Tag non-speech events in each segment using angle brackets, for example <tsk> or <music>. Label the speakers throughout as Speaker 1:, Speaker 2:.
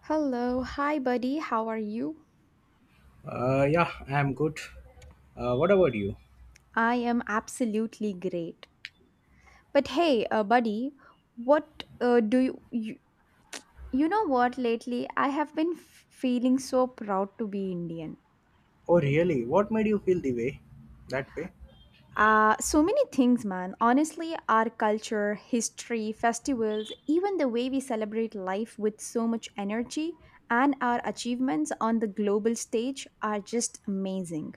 Speaker 1: Hello, hi buddy, how are you?
Speaker 2: Yeah, I'm good. What about you?
Speaker 1: I am absolutely great. But hey, buddy, what do you, you you know what lately I have been feeling so proud to be Indian.
Speaker 2: Oh, really? What made you feel the way that way?
Speaker 1: So many things, man. Honestly, our culture, history, festivals, even the way we celebrate life with so much energy and our achievements on the global stage are just amazing.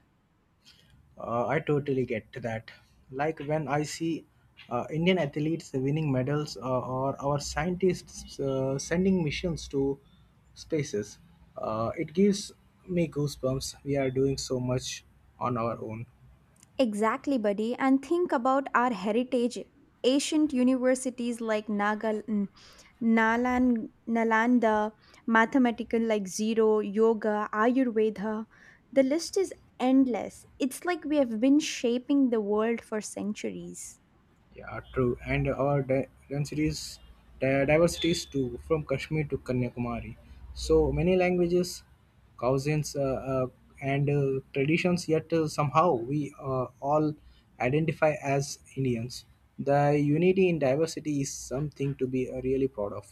Speaker 2: I totally get to that. Like when I see Indian athletes winning medals or our scientists sending missions to spaces, it gives me goosebumps. We are doing so much on our own.
Speaker 1: Exactly, buddy. And think about our heritage. Ancient universities like Nalanda, mathematical like zero, yoga, Ayurveda. The list is endless. It's like we have been shaping the world for centuries.
Speaker 2: Yeah, true. And our densities, diversities too, from Kashmir to Kanyakumari. So many languages, cousins, and traditions, yet somehow we all identify as Indians. The unity in diversity is something to be really proud of.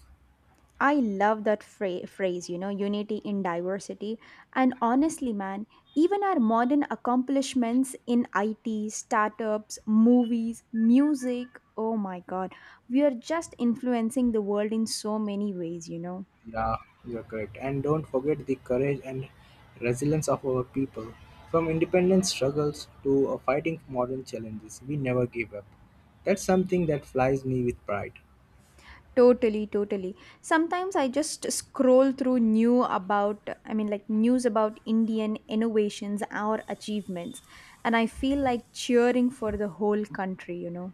Speaker 1: I love that phrase, you know, unity in diversity. And honestly, man, even our modern accomplishments in IT, startups, movies, music, oh my God, we are just influencing the world in so many ways, you know.
Speaker 2: Yeah, you're correct. And don't forget the courage and resilience of our people. From independence struggles to fighting modern challenges, we never give up. That's something that flies me with pride.
Speaker 1: Totally, totally. Sometimes I just scroll through new about, I mean, like news about Indian innovations or achievements, and I feel like cheering for the whole country, you know.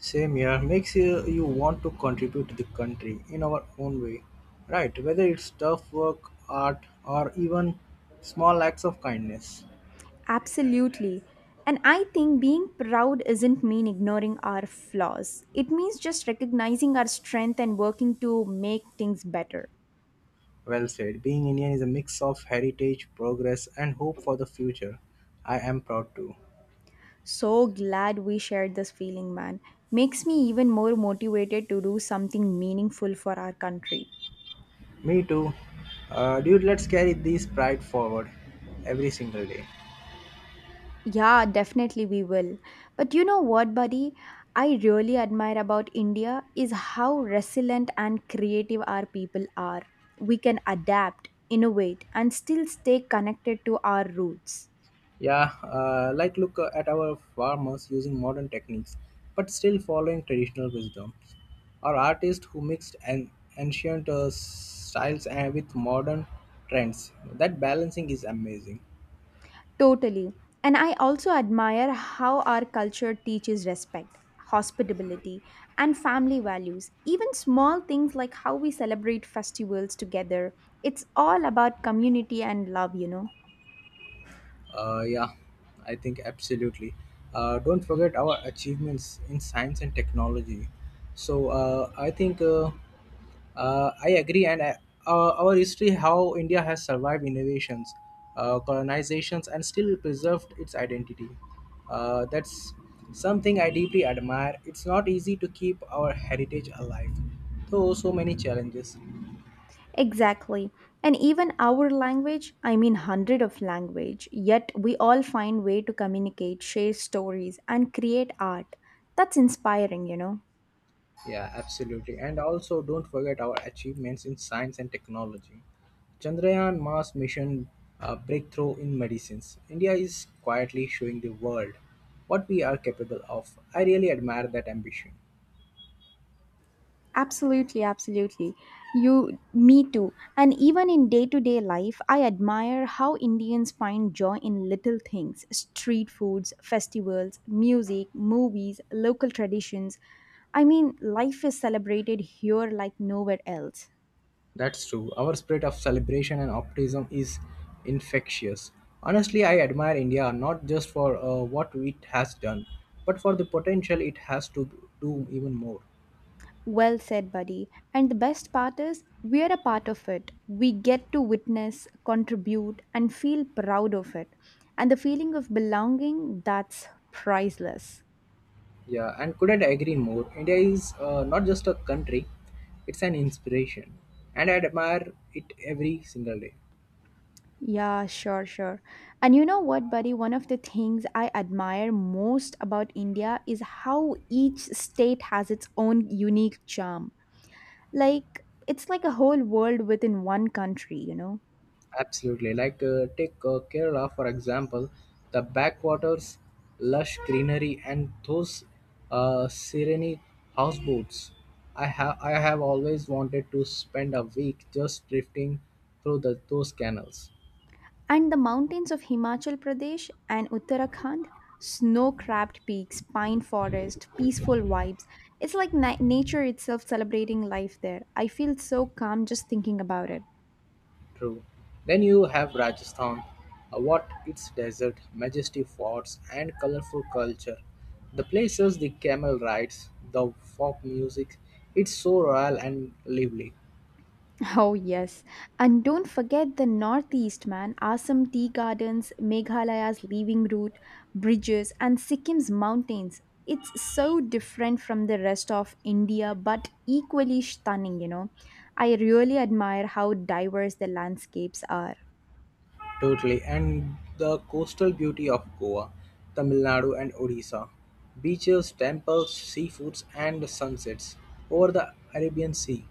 Speaker 2: Same here makes you want to contribute to the country in our own way, right? Whether it's tough work, art, or even small acts of kindness.
Speaker 1: Absolutely. And I think being proud isn't mean ignoring our flaws. It means just recognizing our strength and working to make things better.
Speaker 2: Well said. Being Indian is a mix of heritage, progress, and hope for the future. I am proud too.
Speaker 1: So glad we shared this feeling, man. Makes me even more motivated to do something meaningful for our country.
Speaker 2: Me too. Dude, let's carry this pride forward every single day.
Speaker 1: Yeah, definitely we will. But you know what, buddy? I really admire about India is how resilient and creative our people are. We can adapt, innovate, and still stay connected to our roots.
Speaker 2: Yeah, like look at our farmers using modern techniques, but still following traditional wisdoms. Or artists who mixed an ancient styles and with modern trends. That balancing is amazing.
Speaker 1: Totally. And I also admire how our culture teaches respect, hospitality, and family values. Even small things like how we celebrate festivals together. It's all about community and love, you know.
Speaker 2: Yeah, I think absolutely. Don't forget our achievements in science and technology. So I agree, our history how India has survived innovations, colonizations, and still preserved its identity. That's something I deeply admire. It's not easy to keep our heritage alive, though so many challenges.
Speaker 1: Exactly. And even our language, I mean hundred of language, yet we all find way to communicate, share stories and create art. That's inspiring, you know.
Speaker 2: Yeah, absolutely. And also, don't forget our achievements in science and technology. Chandrayaan Mars mission breakthrough in medicines. India is quietly showing the world what we are capable of. I really admire that ambition.
Speaker 1: Absolutely, absolutely. You me too. And even in day-to-day life, I admire how Indians find joy in little things, street foods, festivals, music, movies, local traditions. I mean, life is celebrated here like nowhere else.
Speaker 2: That's true. Our spirit of celebration and optimism is infectious. Honestly, I admire India not just for what it has done, but for the potential it has to do even more.
Speaker 1: Well said, buddy. And the best part is, we're a part of it. We get to witness, contribute, and feel proud of it. And the feeling of belonging, that's priceless.
Speaker 2: Yeah, and couldn't agree more. India is not just a country, it's an inspiration. And I admire it every single day.
Speaker 1: Yeah, sure, sure. And you know what, buddy? One of the things I admire most about India is how each state has its own unique charm. Like, it's like a whole world within one country, you know?
Speaker 2: Absolutely. Like, take Kerala, for example, the backwaters, lush greenery, and those serene houseboats. I have always wanted to spend a week just drifting through those canals.
Speaker 1: And the mountains of Himachal Pradesh and Uttarakhand, snow capped peaks, pine forest, peaceful vibes. It's like nature itself celebrating life there. I feel so calm just thinking about it.
Speaker 2: True. Then you have Rajasthan, what its desert, majestic forts, and colorful culture. The places, the camel rides, the folk music, it's so royal and lively.
Speaker 1: Oh, yes. And don't forget the Northeast, man. Assam tea gardens, Meghalaya's living root, bridges, and Sikkim's mountains. It's so different from the rest of India, but equally stunning, you know. I really admire how diverse the landscapes are.
Speaker 2: Totally. And the coastal beauty of Goa, Tamil Nadu, and Odisha. Beaches, temples, seafoods, and sunsets over the Arabian Sea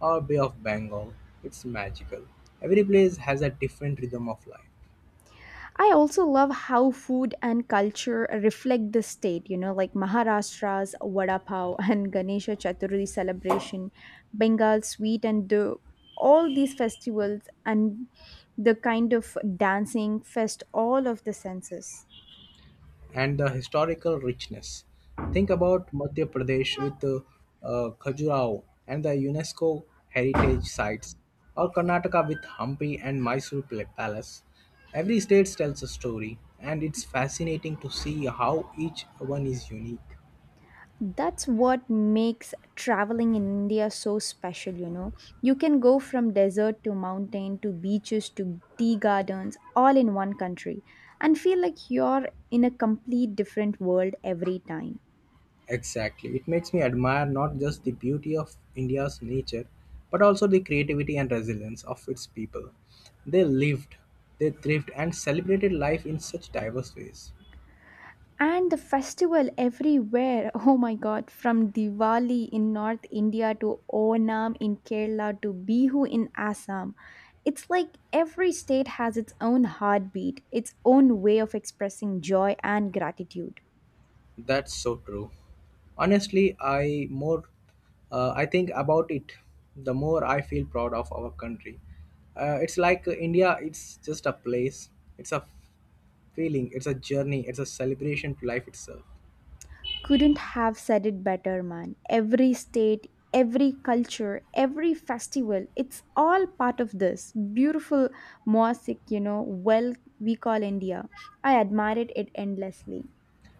Speaker 2: or Bay of Bengal. It's magical. Every place has a different rhythm of life.
Speaker 1: I also love how food and culture reflect the state, you know, like Maharashtra's vada pav <laughs> and Ganesha Chaturthi celebration, Bengal's sweet and do all these festivals and the kind of dancing fest all of the senses.
Speaker 2: And the historical richness. Think about Madhya Pradesh with Khajuraho and the UNESCO heritage sites, or Karnataka with Hampi and Mysore Palace. Every state tells a story, and it's fascinating to see how each one is unique.
Speaker 1: That's what makes traveling in India so special, you know. You can go from desert to mountain to beaches to tea gardens all in one country and feel like you're in a complete different world every time.
Speaker 2: Exactly. It makes me admire not just the beauty of India's nature, but also the creativity and resilience of its people. They lived, they thrived, and celebrated life in such diverse ways.
Speaker 1: And the festival everywhere, <laughs> oh my god, from Diwali in North India to Onam in Kerala to Bihu in Assam. It's like every state has its own heartbeat, its own way of expressing joy and gratitude.
Speaker 2: That's so true. Honestly, I think about it, the more I feel proud of our country. It's like India. It's just a place. It's a feeling. It's a journey. It's a celebration to life itself.
Speaker 1: Couldn't have said it better, man. Every state, every culture, every festival, it's all part of this beautiful mosaic, you know, well, we call India. I admired it endlessly.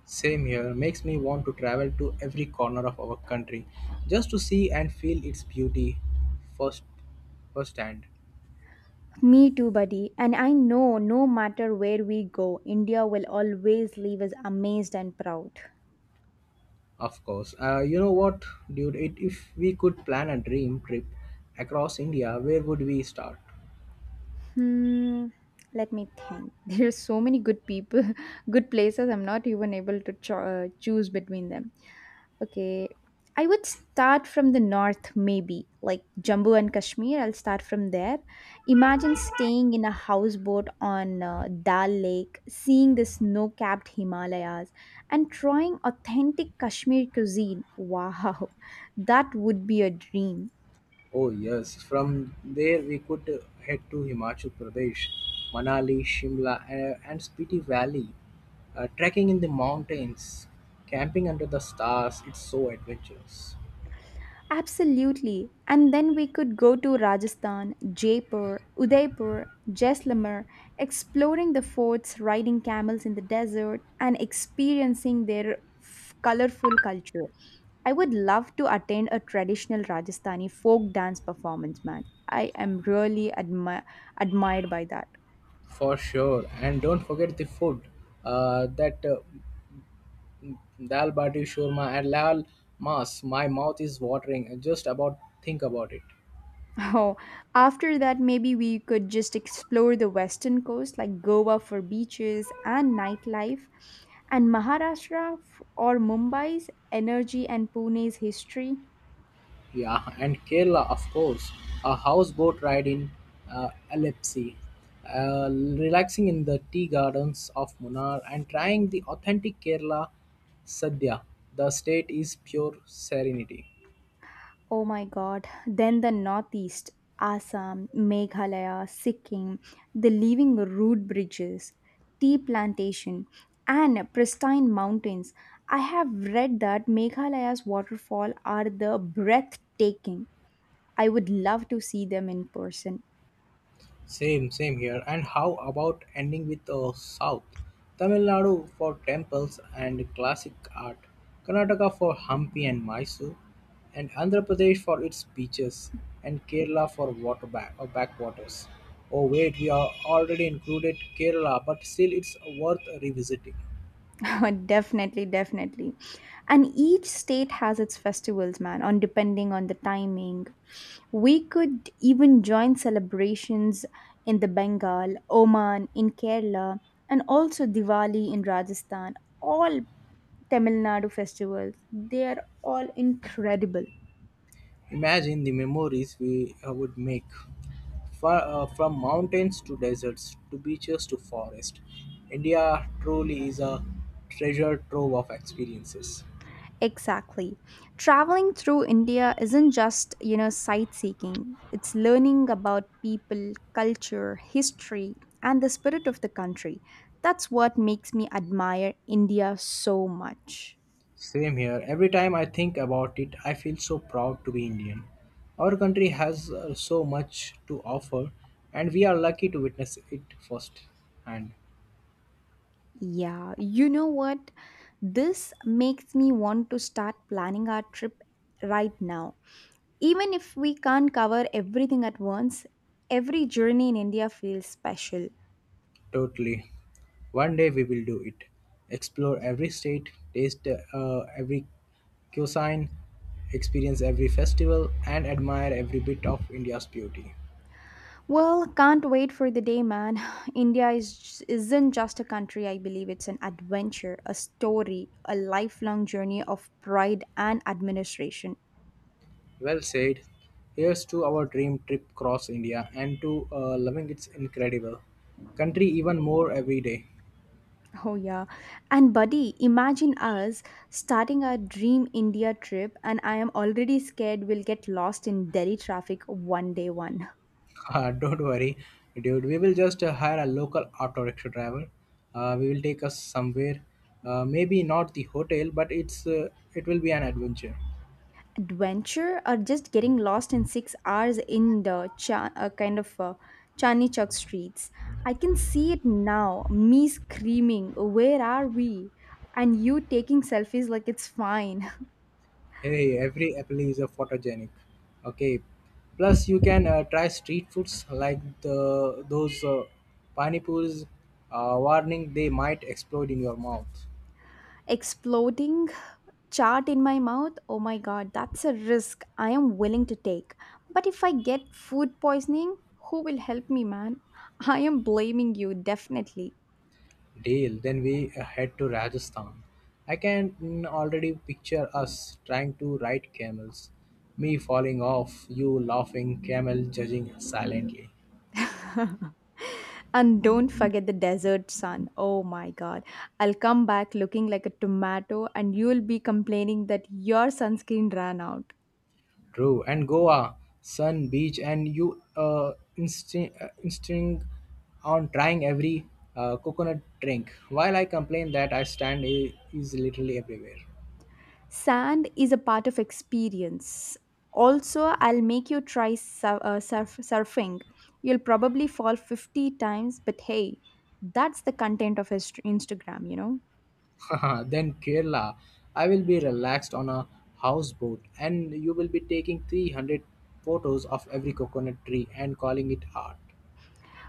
Speaker 2: Same here makes me want to travel to every corner of our country, just to see and feel its beauty first firsthand.
Speaker 1: Me too, buddy. And I know no matter where we go, India will always leave us amazed and proud.
Speaker 2: Of course. You know what, dude? If we could plan a dream trip across India, where would we start?
Speaker 1: Hmm, let me think. <laughs> There are so many good people, <laughs> good places. I'm not even able to choose between them. Okay. I would start from the north, maybe, like Jammu and Kashmir. I'll start from there. Imagine staying in a houseboat on Dal Lake, seeing the snow capped Himalayas, and trying authentic Kashmir cuisine. Wow, <laughs> that would be a dream.
Speaker 2: Oh, yes. From there, we could head to Himachal Pradesh, Manali, Shimla, and Spiti Valley. Trekking in the mountains, camping under the stars, it's so adventurous.
Speaker 1: Absolutely. And then we could go to Rajasthan, Jaipur, Udaipur, Jaisalmer, exploring the forts, riding camels in the desert, and experiencing their colorful culture. I would love to attend a traditional Rajasthani folk dance performance, man. I am really admired by that.
Speaker 2: For sure. And don't forget the food. That Dal bati shurma and lal mas. My mouth is watering just about think about it.
Speaker 1: Oh, after that, maybe we could just explore the western coast like Goa for beaches and nightlife, and Maharashtra or Mumbai's energy and Pune's history.
Speaker 2: Yeah, and Kerala, of course. A houseboat ride in uh, Alepsi, relaxing in the tea gardens of Munnar, and trying the authentic Kerala sadhya. The state is pure serenity.
Speaker 1: Oh my god. Then the northeast, Assam, Meghalaya, Sikkim, the living root bridges, tea plantation, and pristine mountains. I have read that Meghalaya's waterfall are the breathtaking I would love to see them in person.
Speaker 2: Same, same here. And how about ending with South? Tamil Nadu for temples and classic art, Karnataka for Hampi and Mysore, and Andhra Pradesh for its beaches, and Kerala for water back or backwaters. Oh wait, we are already included Kerala, but still it's worth revisiting.
Speaker 1: <laughs> Definitely, definitely. And each state has its festivals, man, on depending on the timing. We could even join celebrations in the Bengal, Oman, in Kerala, and also Diwali in Rajasthan. All Tamil Nadu festivals. They are all incredible.
Speaker 2: Imagine the memories we would make. Far, from mountains to deserts to beaches to forests. India truly is a treasure trove of experiences.
Speaker 1: Exactly. Traveling through India isn't just, you know, sightseeing. It's learning about people, culture, history, and the spirit of the country. That's what makes me admire India so much.
Speaker 2: Same here. Every time I think about it, I feel so proud to be Indian. Our country has so much to offer, and we are lucky to witness it first hand.
Speaker 1: Yeah, you know what? This makes me want to start planning our trip right now. Even if we can't cover everything at once, every journey in India feels special.
Speaker 2: Totally. One day we will do it. Explore every state, taste every cuisine, experience every festival, and admire every bit of India's beauty.
Speaker 1: Well, can't wait for the day, man. <sighs> India is, isn't just a country, I believe. It's an adventure, a story, a lifelong journey of pride and administration. <laughs>
Speaker 2: Well said. Here's to our dream trip across India and to loving its incredible country even more every day. <laughs>
Speaker 1: Oh, yeah. And, buddy, imagine us starting our dream India trip, and I am already scared we'll get lost in Delhi traffic one day one.
Speaker 2: Don't worry, dude. We will just hire a local auto rickshaw driver. We will take us somewhere. Maybe not the hotel, but it will be an adventure.
Speaker 1: Adventure or just getting lost in 6 hours in the Chani Chowk streets. I can see it now. Me screaming, "Where are we?" and you taking selfies like it's fine.
Speaker 2: Hey, every apple is a photogenic. Okay. Plus, you can try street foods like the those panipuris. Warning, they might explode in your mouth.
Speaker 1: <laughs> Exploding chart in my mouth. Oh my god, that's a risk I am willing to take. But if I get food poisoning, who will help me, man? <laughs> I am blaming you definitely.
Speaker 2: Deal. Then we head to Rajasthan. I can already picture us trying to ride camels. Me falling off, you laughing, camel judging silently.
Speaker 1: And don't forget the desert sun. Oh my god. I'll come back looking like a tomato and you'll be complaining that your sunscreen ran out.
Speaker 2: True, and Goa, sun, beach, and you insting on trying every coconut drink. While I complain that I stand is literally everywhere.
Speaker 1: Sand is a part of experience. Also, I'll make you try surfing. You'll probably fall 50 times, but hey, that's the content of his Instagram, you know?
Speaker 2: <laughs> Then Kerala, I will be relaxed on a houseboat, and you will be taking 300 photos of every coconut tree and calling it art.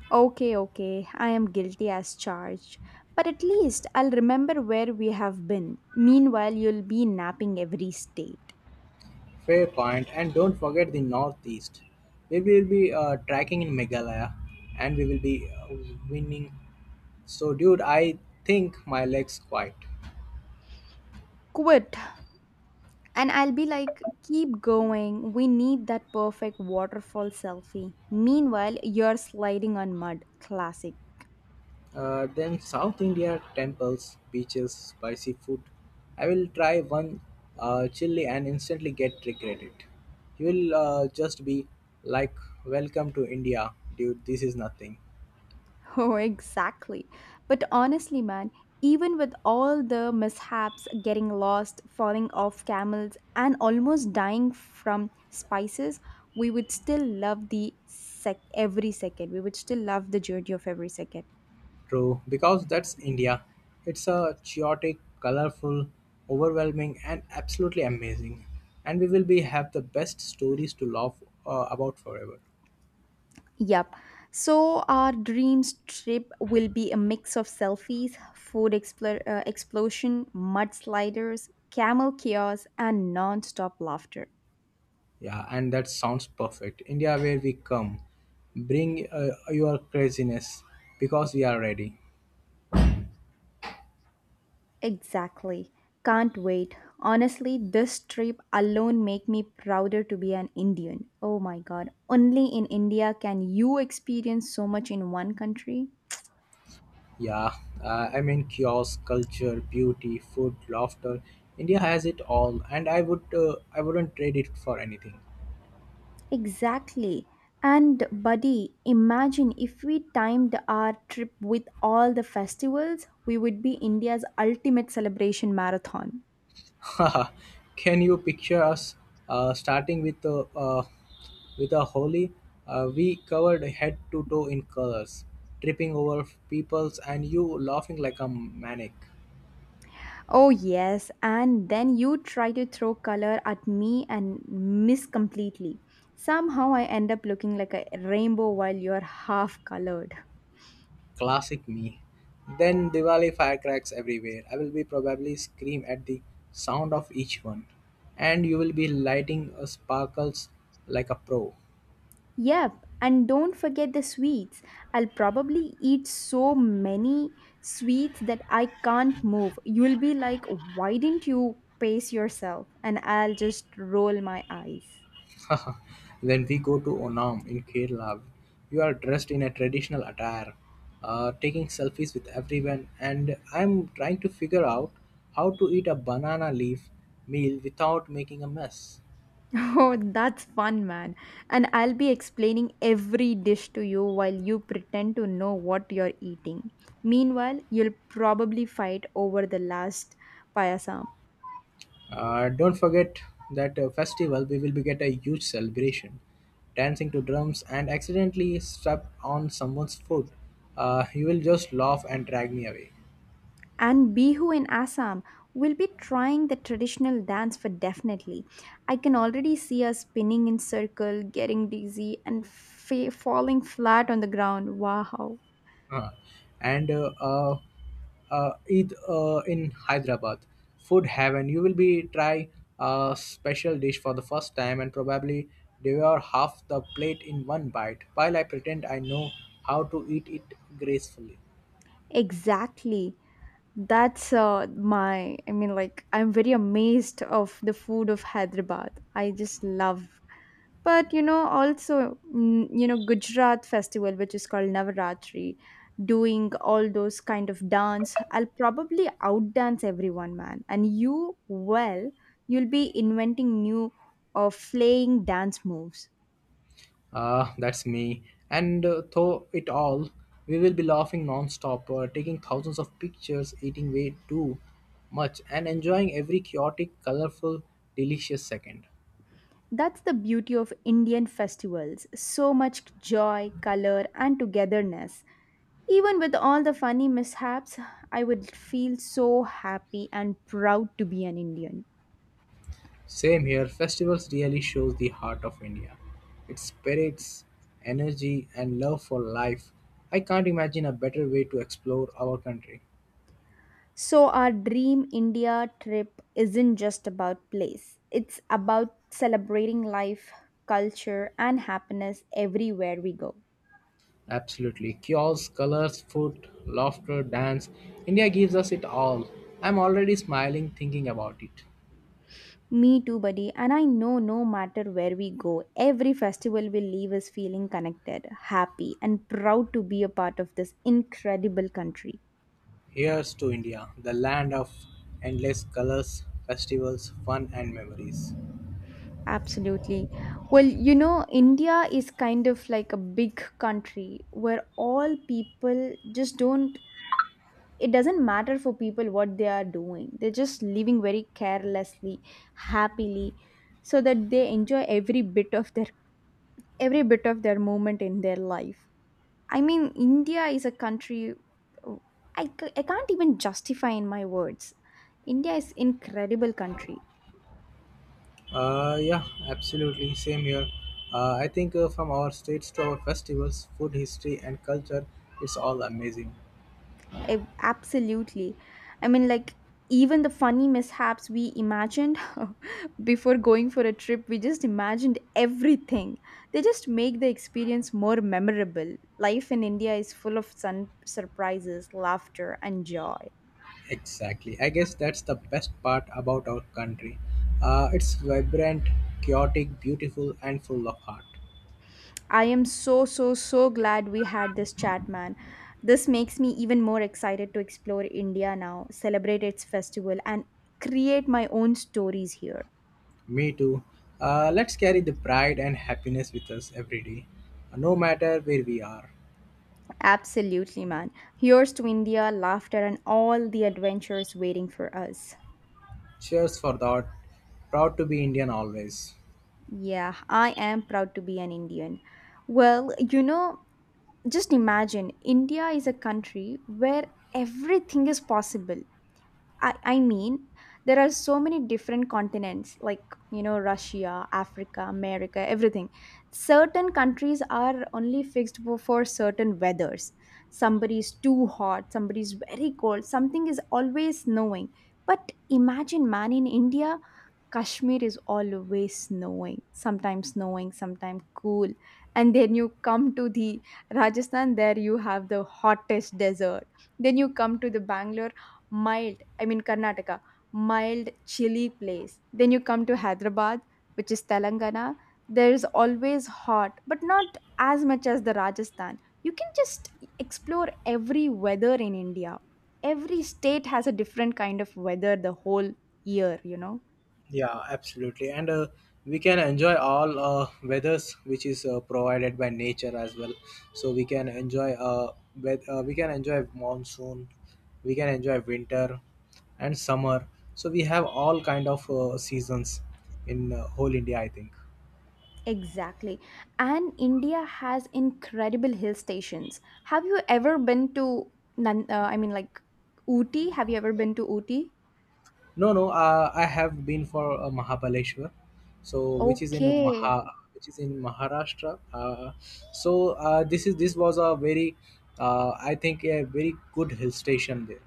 Speaker 1: Okay, okay. I am guilty as charged. But at least I'll remember where we have been. Meanwhile, you'll be napping every state.
Speaker 2: Fair point, and don't forget the northeast. We will be tracking in Meghalaya, and we will be winning. So, dude, I think my legs quite.
Speaker 1: Quit, and I'll be like, keep going, we need that perfect waterfall selfie. Meanwhile, you're sliding on mud. Classic.
Speaker 2: Then South India temples, beaches, spicy food. I will try one chili and instantly get regretted. You will just be like, "Welcome to India, dude. This is nothing."
Speaker 1: <laughs> Oh, exactly. But honestly, man, even with all the mishaps, getting lost, falling off camels, and almost dying from spices, we would still love the sec every second we would still love the journey of every second.
Speaker 2: True, because that's India. It's a chaotic, colorful, overwhelming, and absolutely amazing. And we will be have the best stories to laugh about forever.
Speaker 1: Yep. So our dreams trip will be a mix of selfies, food explosion, mudsliders, camel chaos, and non-stop laughter.
Speaker 2: Yeah, and that sounds perfect. India, where we come, bring your craziness because we are ready.
Speaker 1: Exactly. Can't wait. Honestly, this trip alone make me prouder to be an Indian. Oh my god. Only in India can you experience so much in one country.
Speaker 2: Yeah, I mean, kiosk, culture, beauty, food, laughter. India has it all, and I wouldn't trade it for anything.
Speaker 1: Exactly. And buddy, imagine if we timed our trip with all the festivals, we would be India's ultimate celebration marathon.
Speaker 2: <laughs> Can you picture us starting with a holy? We covered head to toe in colors, tripping over peoples, and you laughing like a maniac.
Speaker 1: Oh, yes. And then you try to throw color at me and miss completely. Somehow I end up looking like a rainbow while you're half colored.
Speaker 2: Classic me. Then Diwali firecracks everywhere. I will be probably scream at the sound of each one, and you will be lighting sparkles like a pro.
Speaker 1: Yep, and don't forget the sweets. I'll probably eat so many sweets that I can't move. You'll be like, why didn't you pace yourself? And I'll just roll my eyes.
Speaker 2: <laughs> When we go to Onam in Kerala, you are dressed in a traditional attire, taking selfies with everyone, and I'm trying to figure out how to eat a banana leaf meal without making a mess.
Speaker 1: <laughs> Oh, that's fun, man. And I'll be explaining every dish to you while you pretend to know what you're eating. Meanwhile, you'll probably fight over the last payasam.
Speaker 2: Don't forget that festival we will be get a huge celebration, dancing to drums and accidentally step on someone's foot. You will just laugh and drag me away.
Speaker 1: And Bihu in Assam will be trying the traditional dance for definitely. I can already see us spinning in circle, getting dizzy, and falling flat on the ground. Wow.
Speaker 2: Uh, and Eid in Hyderabad, food heaven. You will be try a special dish for the first time and probably devour half the plate in one bite. While I pretend I know how to eat it gracefully.
Speaker 1: Exactly. That's uh, my i mean like I'm very amazed of the food of Hyderabad. I just love. But you know also, you know, Gujarat festival which is called Navaratri, doing all those kind of dance. I'll probably outdance everyone, man. And you, well, you'll be inventing new or flaying dance moves.
Speaker 2: Ah, that's me. And through it all, we will be laughing non-stop, taking thousands of pictures, eating way too much, and enjoying every chaotic, colorful, delicious second.
Speaker 1: That's the beauty of Indian festivals. So much joy, color, and togetherness. Even with all the funny mishaps, I would feel so happy and proud to be an Indian.
Speaker 2: Same here. Festivals really shows the heart of India. Its spirits, energy, and love for life. I can't imagine a better way to explore our country.
Speaker 1: So, our Dream India trip isn't just about place, it's about celebrating life, culture, and happiness everywhere we go.
Speaker 2: Absolutely. Kiosks, colors, food, laughter, dance. India gives us it all. I'm already smiling thinking about it.
Speaker 1: Me too, buddy. And I know no matter where we go, every festival we leave is feeling connected, happy, and proud to be a part of this incredible country.
Speaker 2: Here's to India, the land of endless colors, festivals, fun, and memories.
Speaker 1: Absolutely. Well, India is kind of like a big country where all people just don't it doesn't matter for people what they are doing. They're just living very carelessly, happily, so that they enjoy every bit of their moment in their life. I mean, India is a country I can't even justify in my words. India is incredible country.
Speaker 2: Yeah, absolutely. Same here. I think from our states to our festivals, food, history, and culture, it's all amazing.
Speaker 1: Absolutely. I mean, like, Even the funny mishaps we imagined <laughs> before going for a trip, we just imagined everything. They just make the experience more memorable. Life in India is full of surprises, laughter, and joy.
Speaker 2: Exactly. I guess that's the best part about our country. It's vibrant, chaotic, beautiful, and full of heart.
Speaker 1: I am so, so, so glad we had this chat, man. This makes me even more excited to explore India now, celebrate its festival, and create my own stories here.
Speaker 2: Me too. Let's carry the pride and happiness with us every day, no matter where we are.
Speaker 1: Absolutely, man. Here's to India, laughter, and all the adventures waiting for us.
Speaker 2: Cheers for that. Proud to be Indian always.
Speaker 1: Yeah, I am proud to be an Indian. Well, just imagine, India is a country where everything is possible. I mean, there are so many different continents, like, Russia, Africa, America, everything. Certain countries are only fixed for, certain weathers. Somebody is too hot, somebody is very cold, something is always snowing. But imagine, man, in India, Kashmir is always snowing, sometimes cool. And then you come to the Rajasthan, there you have the hottest desert. Then you come to the Bangalore, mild, I mean Karnataka, mild, chilly place. Then you come to Hyderabad, which is Telangana. There is always hot, but not as much as the Rajasthan. You can just explore every weather in India. Every state has a different kind of weather the whole year, you know.
Speaker 2: Yeah, absolutely. And we can enjoy all weathers which is provided by nature as well. So we can enjoy we can enjoy monsoon, we can enjoy winter and summer. So we have all kind of seasons in whole India, I think.
Speaker 1: Exactly. And India has incredible hill stations. Have you ever been to I mean, like, Ooty? Have you ever been to Ooty?
Speaker 2: No, no. I have been for Mahabaleshwar, so which is
Speaker 1: Okay.
Speaker 2: Which is in Maharashtra. This was a very, I think a very good hill station there.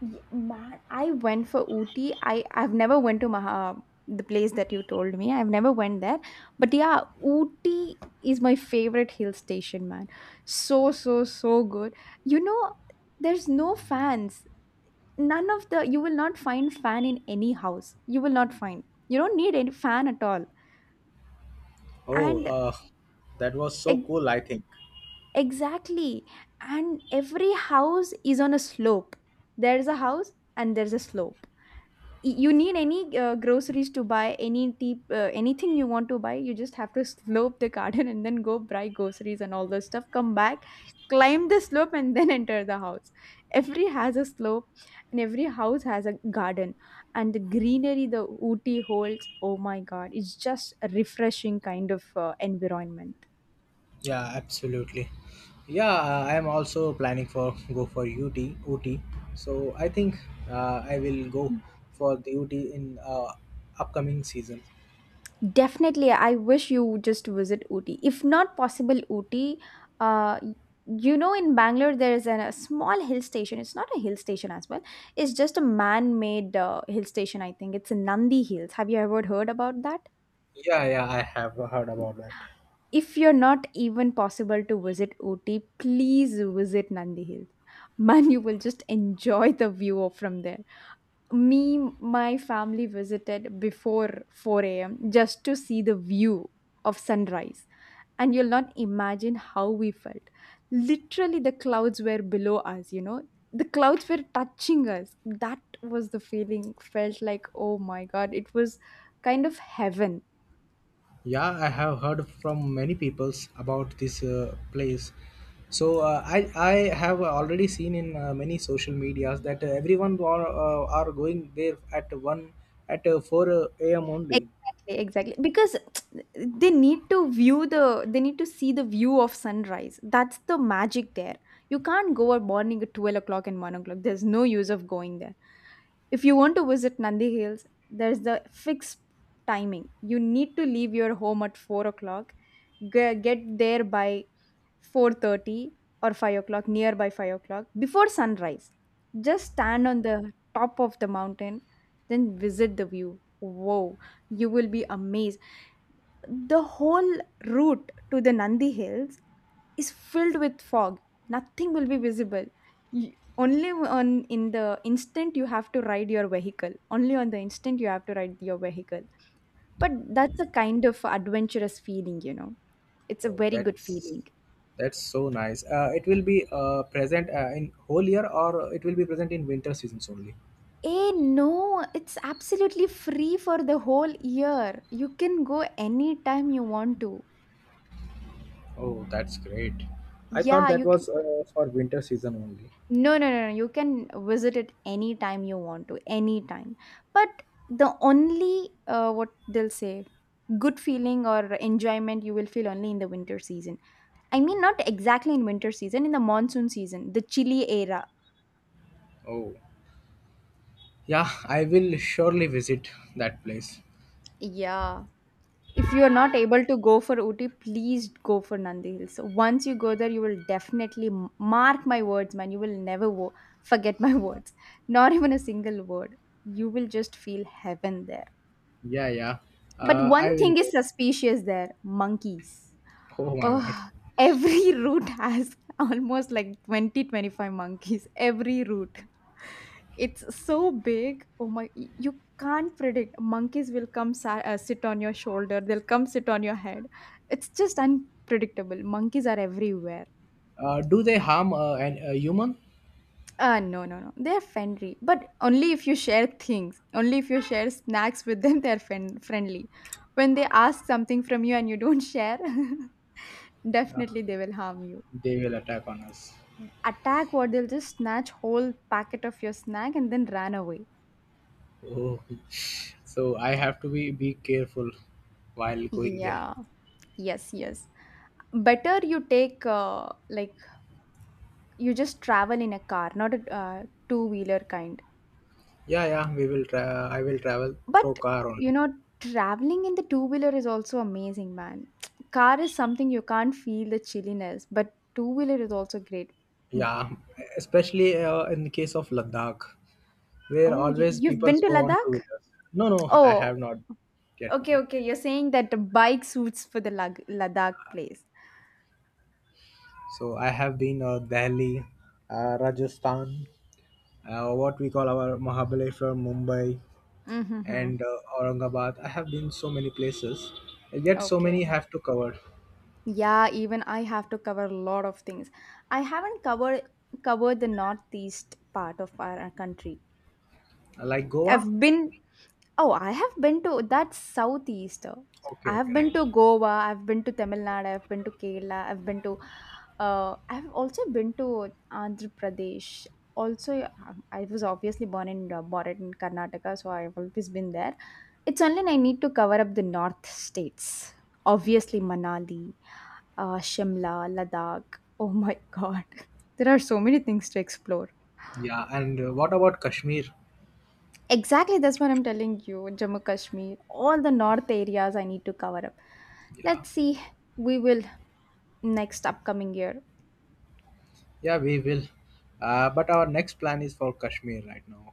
Speaker 1: Man, I went for Ooty. I've never went to Maha, the place that you told me. I've never went there. But yeah, Ooty is my favorite hill station, man. So so so good. You know, there's no fans, none of the, you will not find fan in any house, you will not find, you don't need any fan at all.
Speaker 2: Oh,
Speaker 1: And
Speaker 2: that was so
Speaker 1: e-
Speaker 2: cool, I think.
Speaker 1: exactly, and every house is on a slope. There's a house and there's a slope. You need any groceries to buy, any deep anything you want to buy, you just have to slope the garden and then go buy groceries and all the stuff, come back, climb the slope and then enter the house. Every has a slope and every house has a garden. And the greenery the Ooty holds, oh my god, it's just a refreshing kind of environment.
Speaker 2: Yeah, absolutely. Yeah, I am also planning for go for UT. So I think I will go for the UT in upcoming season.
Speaker 1: Definitely, I wish you just visit Ooty. If not possible Ooty, uh, in Bangalore, there is an, a small hill station. It's not a hill station as well, it's just a man made hill station, I think. It's Nandi Hills. Have you ever heard about that?
Speaker 2: Yeah, yeah. I have heard about that.
Speaker 1: If you're not even possible to visit Ooty, please visit Nandi Hills. <laughs> Man, you will just enjoy the view of from there. Me, my family visited before 4 a.m just to see the view of sunrise. And you'll not imagine how we felt. Literally, the clouds were below us, you know, the clouds were touching us. That was the feeling, felt like oh my god, it was kind of heaven.
Speaker 2: Yeah, I have heard from many peoples about this place. So I have already seen in many social medias that everyone are going there at 4 a.m. only.
Speaker 1: Exactly, exactly. Because they need to view the, they need to see the view of sunrise. That's the magic there. You can't go at morning at 12 o'clock and 1 o'clock. There's no use of going there. If you want to visit Nandi Hills, there's the fixed timing. You need to leave your home at 4 o'clock, get there by 4:30 or 5 o'clock, near by 5 o'clock, before sunrise. Just stand on the top of the mountain, then visit the view. Wow, you will be amazed. The whole route to the Nandi Hills is filled with fog. Nothing will be visible. Only on in the instant you have to ride your vehicle. Only on the instant you have to ride your vehicle. But that's a kind of adventurous feeling, you know. It's a
Speaker 2: Oh,
Speaker 1: very good feeling.
Speaker 2: that's so nice. It will be present in whole year, or it will be present in winter seasons only.
Speaker 1: Eh, no, it's absolutely free for the whole year. You can go anytime you want to.
Speaker 2: Oh, that's great. I thought
Speaker 1: Yeah,
Speaker 2: that
Speaker 1: you can.
Speaker 2: was for winter season only.
Speaker 1: No, no, no, no. You can visit it anytime you want to, anytime. But the only what they'll say, good feeling or enjoyment you will feel only in the winter season. I mean, not exactly in winter season, in the monsoon season, the chilly era.
Speaker 2: Oh, yeah, I will surely visit that place.
Speaker 1: Yeah. If you are not able to go for Uti, please go for Nandi Hills. Once you go there, you will definitely mark my words, man. You will never forget my <laughs> words, not even a single word. You will just feel heaven there.
Speaker 2: Yeah, yeah.
Speaker 1: But
Speaker 2: I
Speaker 1: one
Speaker 2: will
Speaker 1: thing is
Speaker 2: go. <laughs>
Speaker 1: suspicious there, monkeys.
Speaker 2: Oh my god.
Speaker 1: Oh, every <laughs> route has almost like 20 25 monkeys. Every route. It's so big. Oh my, you can't predict. Monkeys will come sit on your shoulder, they'll come sit on your head. It's just unpredictable. Monkeys are everywhere.
Speaker 2: Do they harm a human?
Speaker 1: No, no, no. They're friendly, but only if you share things. Only if you share snacks with them, <laughs> they're friendly. When they ask something from you and you don't share, <laughs> definitely, they will harm you.
Speaker 2: They will attack on us.
Speaker 1: Attack, what, they'll just snatch whole packet of your snack and then ran away.
Speaker 2: Oh. <laughs> So I have to be careful while going there.
Speaker 1: Yeah, yes, yes. Better you take like, you just travel in a car, not a two wheeler kind.
Speaker 2: Yeah, yeah. We will. I will travel
Speaker 1: But
Speaker 2: through car
Speaker 1: you
Speaker 2: only.
Speaker 1: know, traveling in the two wheeler is also amazing, man. <tsk> Car is something you can't feel the chilliness, but two wheeler is also great. Mm.
Speaker 2: Yeah, especially in the case of Ladakh, where
Speaker 1: Oh, yeah,
Speaker 2: always
Speaker 1: you've
Speaker 2: people
Speaker 1: been to
Speaker 2: go on two
Speaker 1: Ladakh?
Speaker 2: wheelers. No, no, I
Speaker 1: Oh,
Speaker 2: have not yet
Speaker 1: okay,
Speaker 2: now.
Speaker 1: okay. You're saying that the bike suits for the Ladakh place.
Speaker 2: So I have been Delhi, Rajasthan, what we call our Mahabaleshwar, Mumbai,
Speaker 1: Mm-hmm.
Speaker 2: and Aurangabad. I have been so many places, yet so
Speaker 1: Okay.
Speaker 2: many have to cover.
Speaker 1: Yeah, even I have to cover a lot of things. I haven't covered the northeast part of our country.
Speaker 2: Like
Speaker 1: I've
Speaker 2: Goa?
Speaker 1: been. Oh, I have been to, that's southeast. So
Speaker 2: Okay,
Speaker 1: I have
Speaker 2: okay,
Speaker 1: been to
Speaker 2: right.
Speaker 1: Goa, I've been to Tamil Nadu, I've been to Kerala, I've been to I've also been to Andhra Pradesh. Also, I was obviously born in born in Karnataka, so I've always been there. It's only I need to cover up the north states. Obviously, Manali, Shimla, Ladakh. Oh my God, <laughs> there are so many things to explore.
Speaker 2: Yeah, and what about Kashmir?
Speaker 1: Exactly, that's what I'm telling you. Jammu Kashmir, all the north areas I need to cover up.
Speaker 2: Yeah,
Speaker 1: Let's see, we will next upcoming year.
Speaker 2: yeah, we will. But our next plan is for Kashmir right now.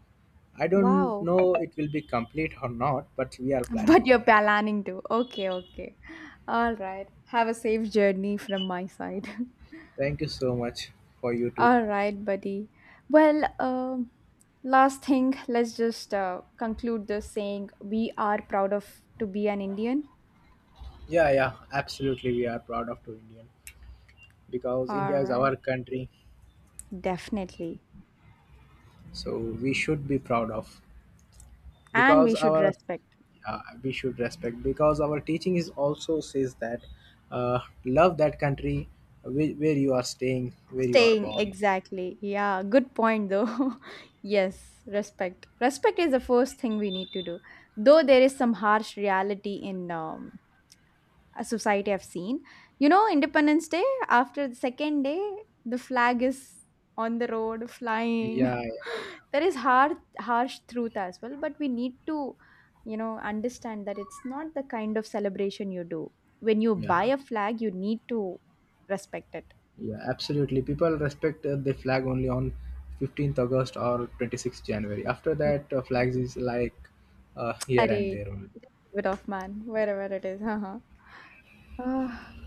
Speaker 2: I don't
Speaker 1: Wow,
Speaker 2: know it will be complete or not, but we are
Speaker 1: <laughs>
Speaker 2: planning
Speaker 1: but
Speaker 2: for
Speaker 1: you're
Speaker 2: that.
Speaker 1: planning to. Okay, okay. All right. Have a safe journey from my side. <laughs>
Speaker 2: Thank you so much for you too.
Speaker 1: All right, buddy. Well, last thing, let's just conclude this saying we are proud of to be an Indian.
Speaker 2: Yeah, yeah, absolutely. We are proud of to Indian because
Speaker 1: All
Speaker 2: India is our
Speaker 1: right,
Speaker 2: country,
Speaker 1: definitely.
Speaker 2: so we should be proud of
Speaker 1: And
Speaker 2: because
Speaker 1: we should
Speaker 2: our
Speaker 1: respect.
Speaker 2: we should respect because our teaching is also says that love that country where you are staying where you are
Speaker 1: Staying,
Speaker 2: born.
Speaker 1: exactly. Yeah, good point though. <laughs> Yes, respect. Respect is the first thing we need to do. Though there is some harsh reality in a society I've seen. You know, Independence Day, after the second day, the flag is on the road flying.
Speaker 2: Yeah,
Speaker 1: <laughs> There is harsh truth as well, but we need to, you know, understand that it's not the kind of celebration you do. When you buy
Speaker 2: yeah,
Speaker 1: a flag, you need to respect it.
Speaker 2: yeah, absolutely. People respect the flag only on 15th august or 26th january. After that flags is like here and
Speaker 1: Array,
Speaker 2: there only.
Speaker 1: just leave it off, man, wherever it is. Uh-huh. Ah,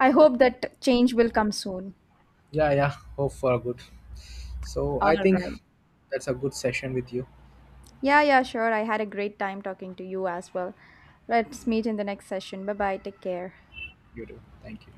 Speaker 1: I hope that change will come soon.
Speaker 2: Yeah, yeah, hope for good. So
Speaker 1: All
Speaker 2: I think
Speaker 1: right.
Speaker 2: that's a good session with you.
Speaker 1: Yeah, yeah, sure. I had a great time talking to you as well. Let's meet in the next session. Bye bye. Take care.
Speaker 2: You do. Thank you.